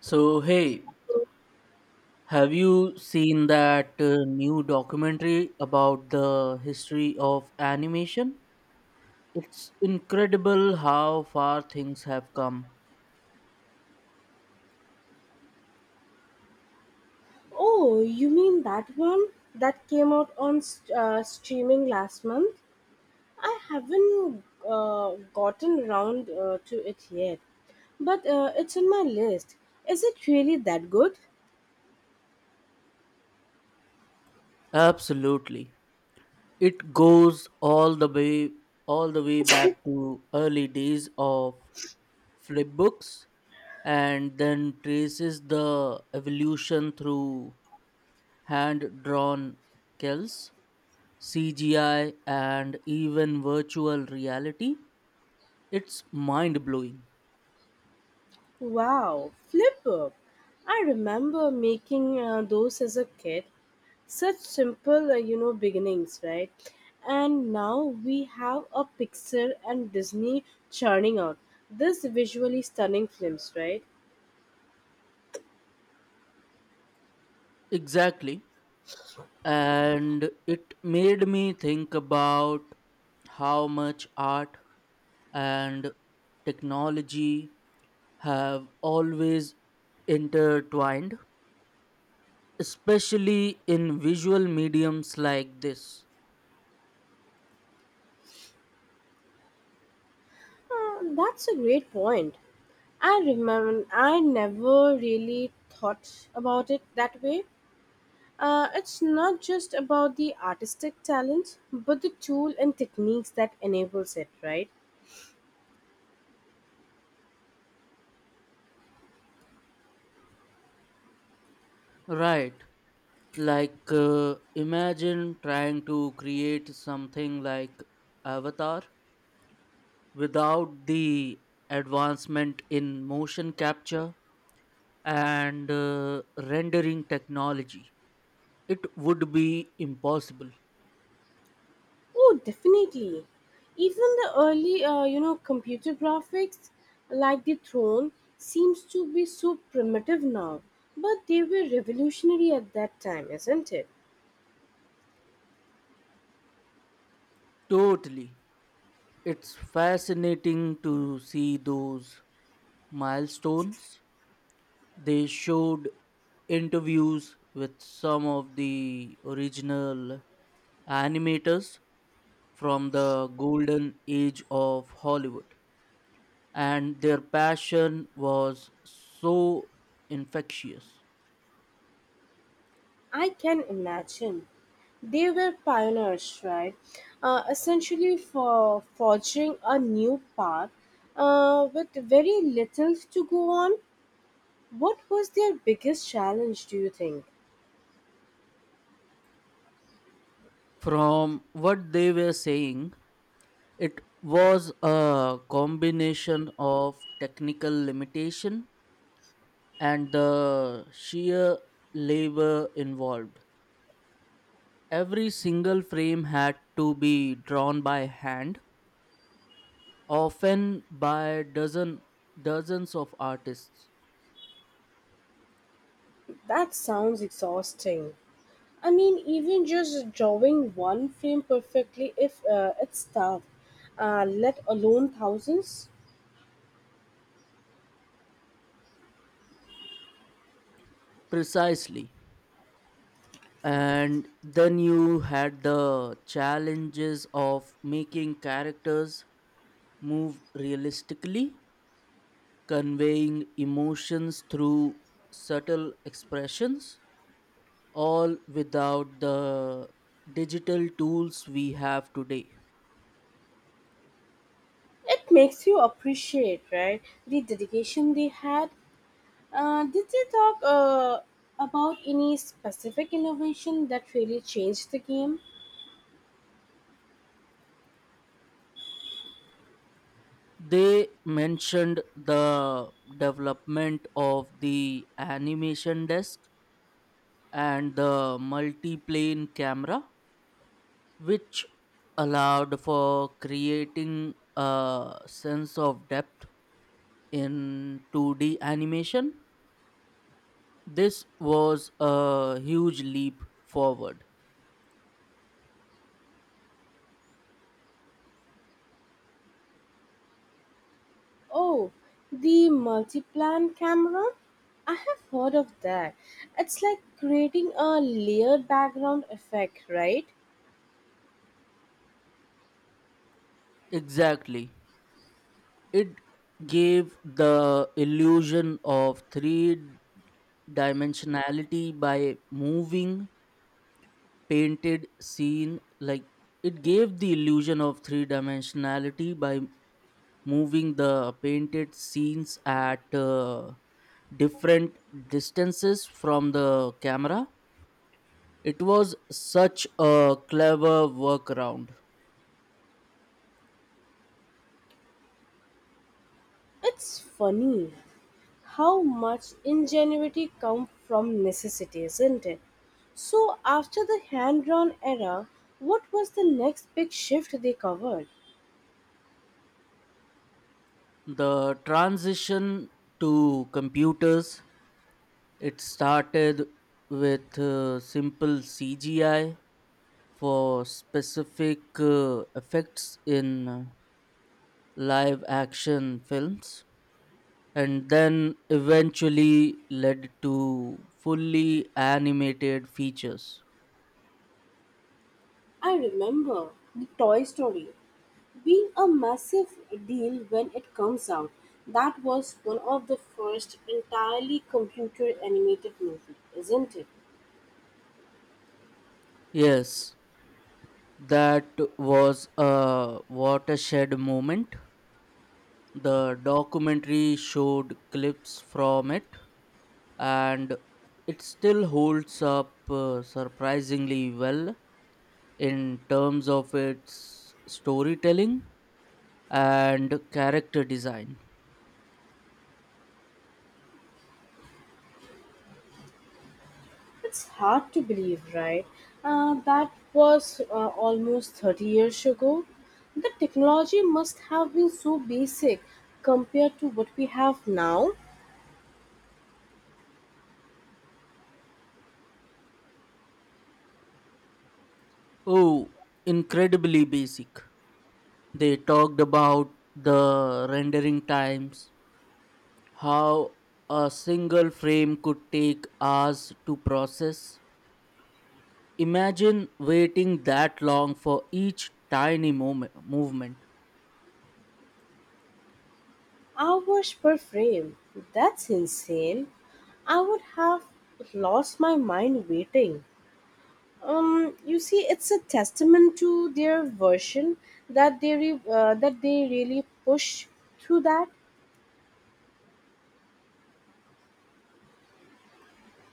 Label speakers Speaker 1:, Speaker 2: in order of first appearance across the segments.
Speaker 1: So, hey, have you seen that new documentary about the history of animation? It's incredible how far things have come.
Speaker 2: Oh, you mean that one that came out on streaming last month? I haven't gotten round to it yet, but it's on my list. Is it really that good?
Speaker 1: Absolutely. It goes all the way back to early days of flip books, and then traces the evolution through hand drawn kills, CGI, and even virtual reality. It's mind blowing.
Speaker 2: Wow, Flipper! I remember making those as a kid. Such simple beginnings, right? And now we have a Pixar and Disney churning out this visually stunning films, right?
Speaker 1: Exactly. And it made me think about how much art and technology have always intertwined, especially in visual mediums like this.
Speaker 2: That's a great point. I remember I never really thought about it that way. It's not just about the artistic talent, but the tool and techniques that enables it, right?
Speaker 1: Right. Like, imagine trying to create something like Avatar without the advancement in motion capture and rendering technology. It would be impossible.
Speaker 2: Oh, definitely. Even the early computer graphics, like the throne, seems to be so primitive now, but they were revolutionary at that time, isn't it?
Speaker 1: Totally. It's fascinating to see those milestones. They showed interviews with some of the original animators from the golden age of Hollywood, and their passion was so infectious.
Speaker 2: I can imagine. They were pioneers, right? Essentially for forging a new path with very little to go on. What was their biggest challenge, do you think?
Speaker 1: From what they were saying, it was a combination of technical limitation and the sheer labor involved. Every single frame had to be drawn by hand, often by dozens of artists.
Speaker 2: That sounds exhausting. I mean, even just drawing one frame perfectly, if it's tough, let alone thousands.
Speaker 1: Precisely. And then you had the challenges of making characters move realistically, conveying emotions through subtle expressions, all without the digital tools we have today.
Speaker 2: It makes you appreciate, right? The dedication they had. Did they talk about any specific innovation that really changed the game?
Speaker 1: They mentioned the development of the animation desk and the multi-plane camera, which allowed for creating a sense of depth in 2D animation. This was a huge leap forward.
Speaker 2: Oh, the multi-plan camera? I have heard of that. It's like creating a layered background effect, right?
Speaker 1: Exactly. It gave the illusion of three dimensionality by moving painted scene like It gave the illusion of three dimensionality by moving the painted scenes at different distances from the camera. It was such a clever workaround.
Speaker 2: It's funny how much ingenuity comes from necessity, isn't it? So, after the hand drawn era, what was the next big shift they covered?
Speaker 1: The transition to computers. It started with simple CGI for specific effects in live action films, and then eventually led to fully animated features.
Speaker 2: I remember the Toy Story been a massive deal when it comes out. That was one of the first entirely computer animated movies, isn't it?
Speaker 1: Yes, that was a watershed moment. The documentary showed clips from it, and it still holds up surprisingly well in terms of its storytelling and character design.
Speaker 2: It's hard to believe, right? That was almost 30 years ago. The technology must have been so basic compared to what we have now.
Speaker 1: Oh, incredibly basic. They talked about the rendering times, how a single frame could take hours to process. Imagine waiting that long for each movement.
Speaker 2: Hours per frame. That's insane. I would have lost my mind waiting. You see, it's a testament to their version that they really push through that.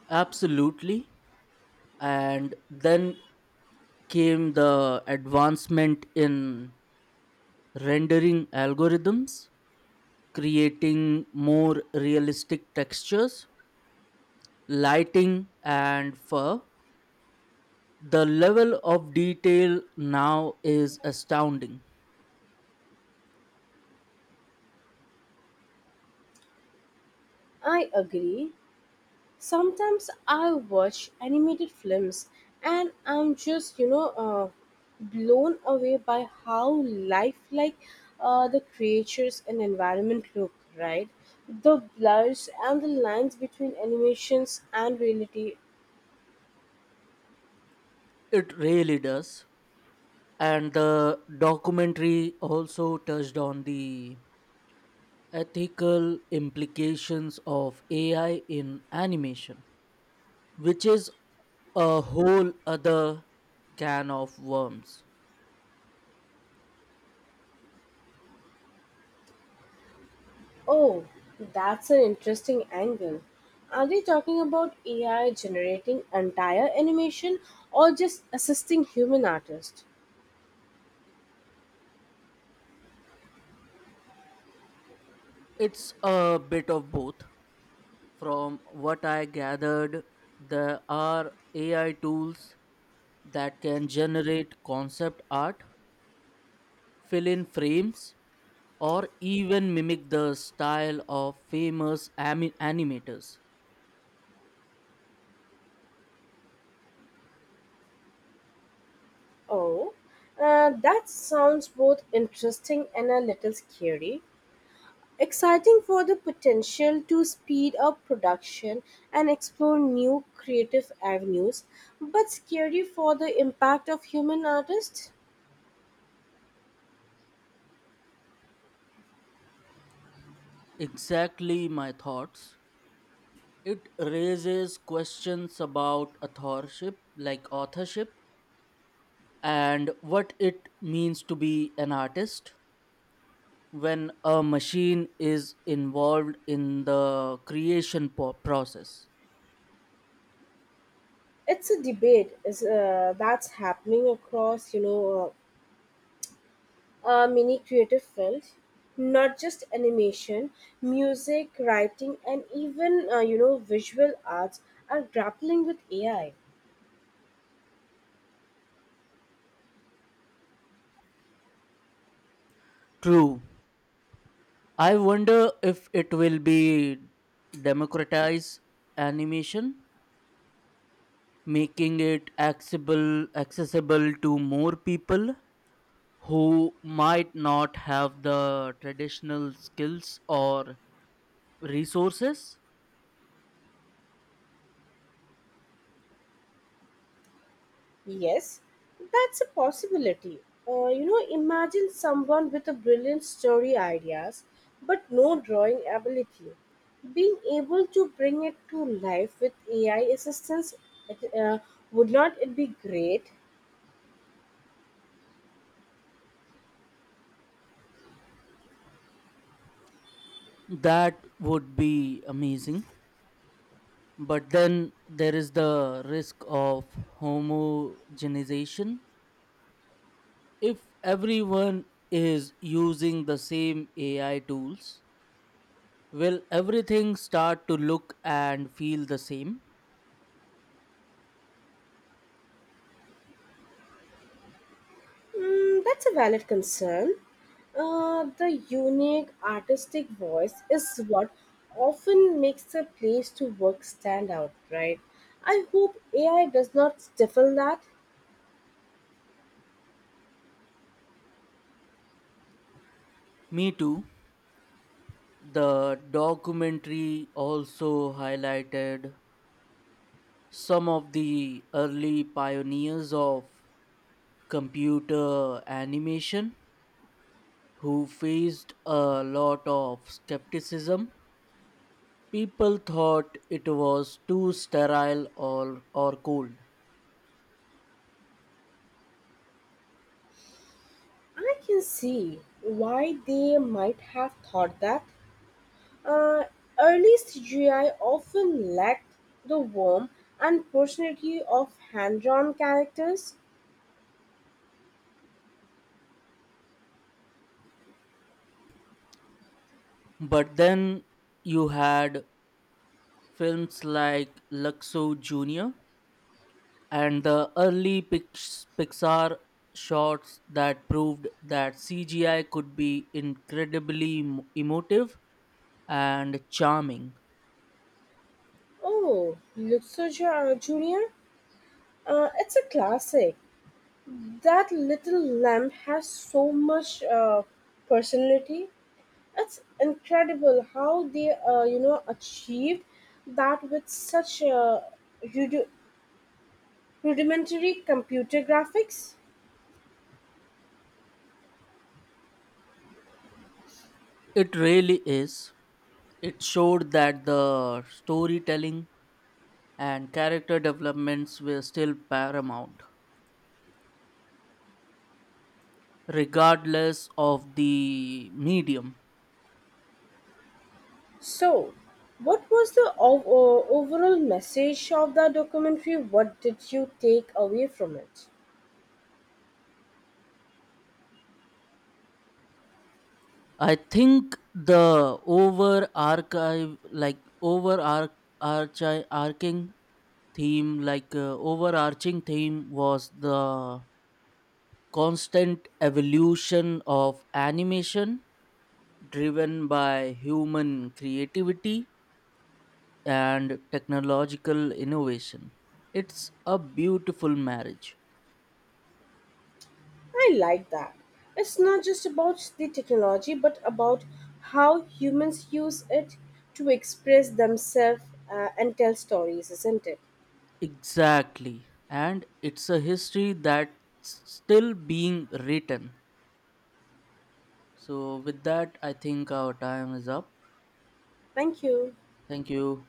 Speaker 1: Absolutely. And then came the advancement in rendering algorithms, creating more realistic textures, lighting, and fur. The level of detail now is astounding.
Speaker 2: I agree. Sometimes I watch animated films, and I'm just blown away by how lifelike the creatures and environment look, right? The blurs and the lines between animations and reality.
Speaker 1: It really does. And the documentary also touched on the ethical implications of AI in animation, which is a whole other can of worms.
Speaker 2: Oh, that's an interesting angle. Are they talking about AI generating entire animation or just assisting human artists?
Speaker 1: It's a bit of both. From what I gathered, there are AI tools that can generate concept art, fill in frames, or even mimic the style of famous animators.
Speaker 2: Oh, that sounds both interesting and a little scary. Exciting for the potential to speed up production and explore new creative avenues, but scary for the impact of human artists.
Speaker 1: Exactly my thoughts. It raises questions about authorship, and what it means to be an artist when a machine is involved in the creation process.
Speaker 2: It's a debate is, that's happening across, a mini creative field, not just animation, music, writing, and even visual arts are grappling with AI.
Speaker 1: True. I wonder if it will be democratize animation, making it accessible to more people who might not have the traditional skills or resources.
Speaker 2: Yes, that's a possibility. Imagine someone with a brilliant story ideas, but no drawing ability, being able to bring it to life with AI assistance. It, would not it be great?
Speaker 1: That would be amazing. But then there is the risk of homogenization. If everyone is using the same AI tools, will everything start to look and feel the same?
Speaker 2: Mm, that's a valid concern. The unique artistic voice is what often makes a place to work stand out, right? I hope AI does not stifle that.
Speaker 1: Me too. The documentary also highlighted some of the early pioneers of computer animation who faced a lot of skepticism. People thought it was too sterile or cold.
Speaker 2: I can see why they might have thought that. Uh, early CGI often lacked the warmth and personality of hand drawn characters.
Speaker 1: But then you had films like Luxo Jr and the early Pixar shots that proved that CGI could be incredibly emotive and charming.
Speaker 2: Oh, Luxor Jr., it's a classic. That little lamb has so much personality. It's incredible how they achieved that with such rudi- rudimentary computer graphics.
Speaker 1: It really is. It showed that the storytelling and character developments were still paramount, regardless of the medium.
Speaker 2: So, what was the overall message of the documentary? What did you take away from it?
Speaker 1: I think the over archive, like over arc, theme like overarching theme was the constant evolution of animation, driven by human creativity and technological innovation. It's a beautiful marriage.
Speaker 2: I like that. It's not just about the technology, but about how humans use it to express themselves and tell stories, isn't it?
Speaker 1: Exactly, and it's a history that's still being written. So with that, I think our time is up.
Speaker 2: Thank you.
Speaker 1: Thank you.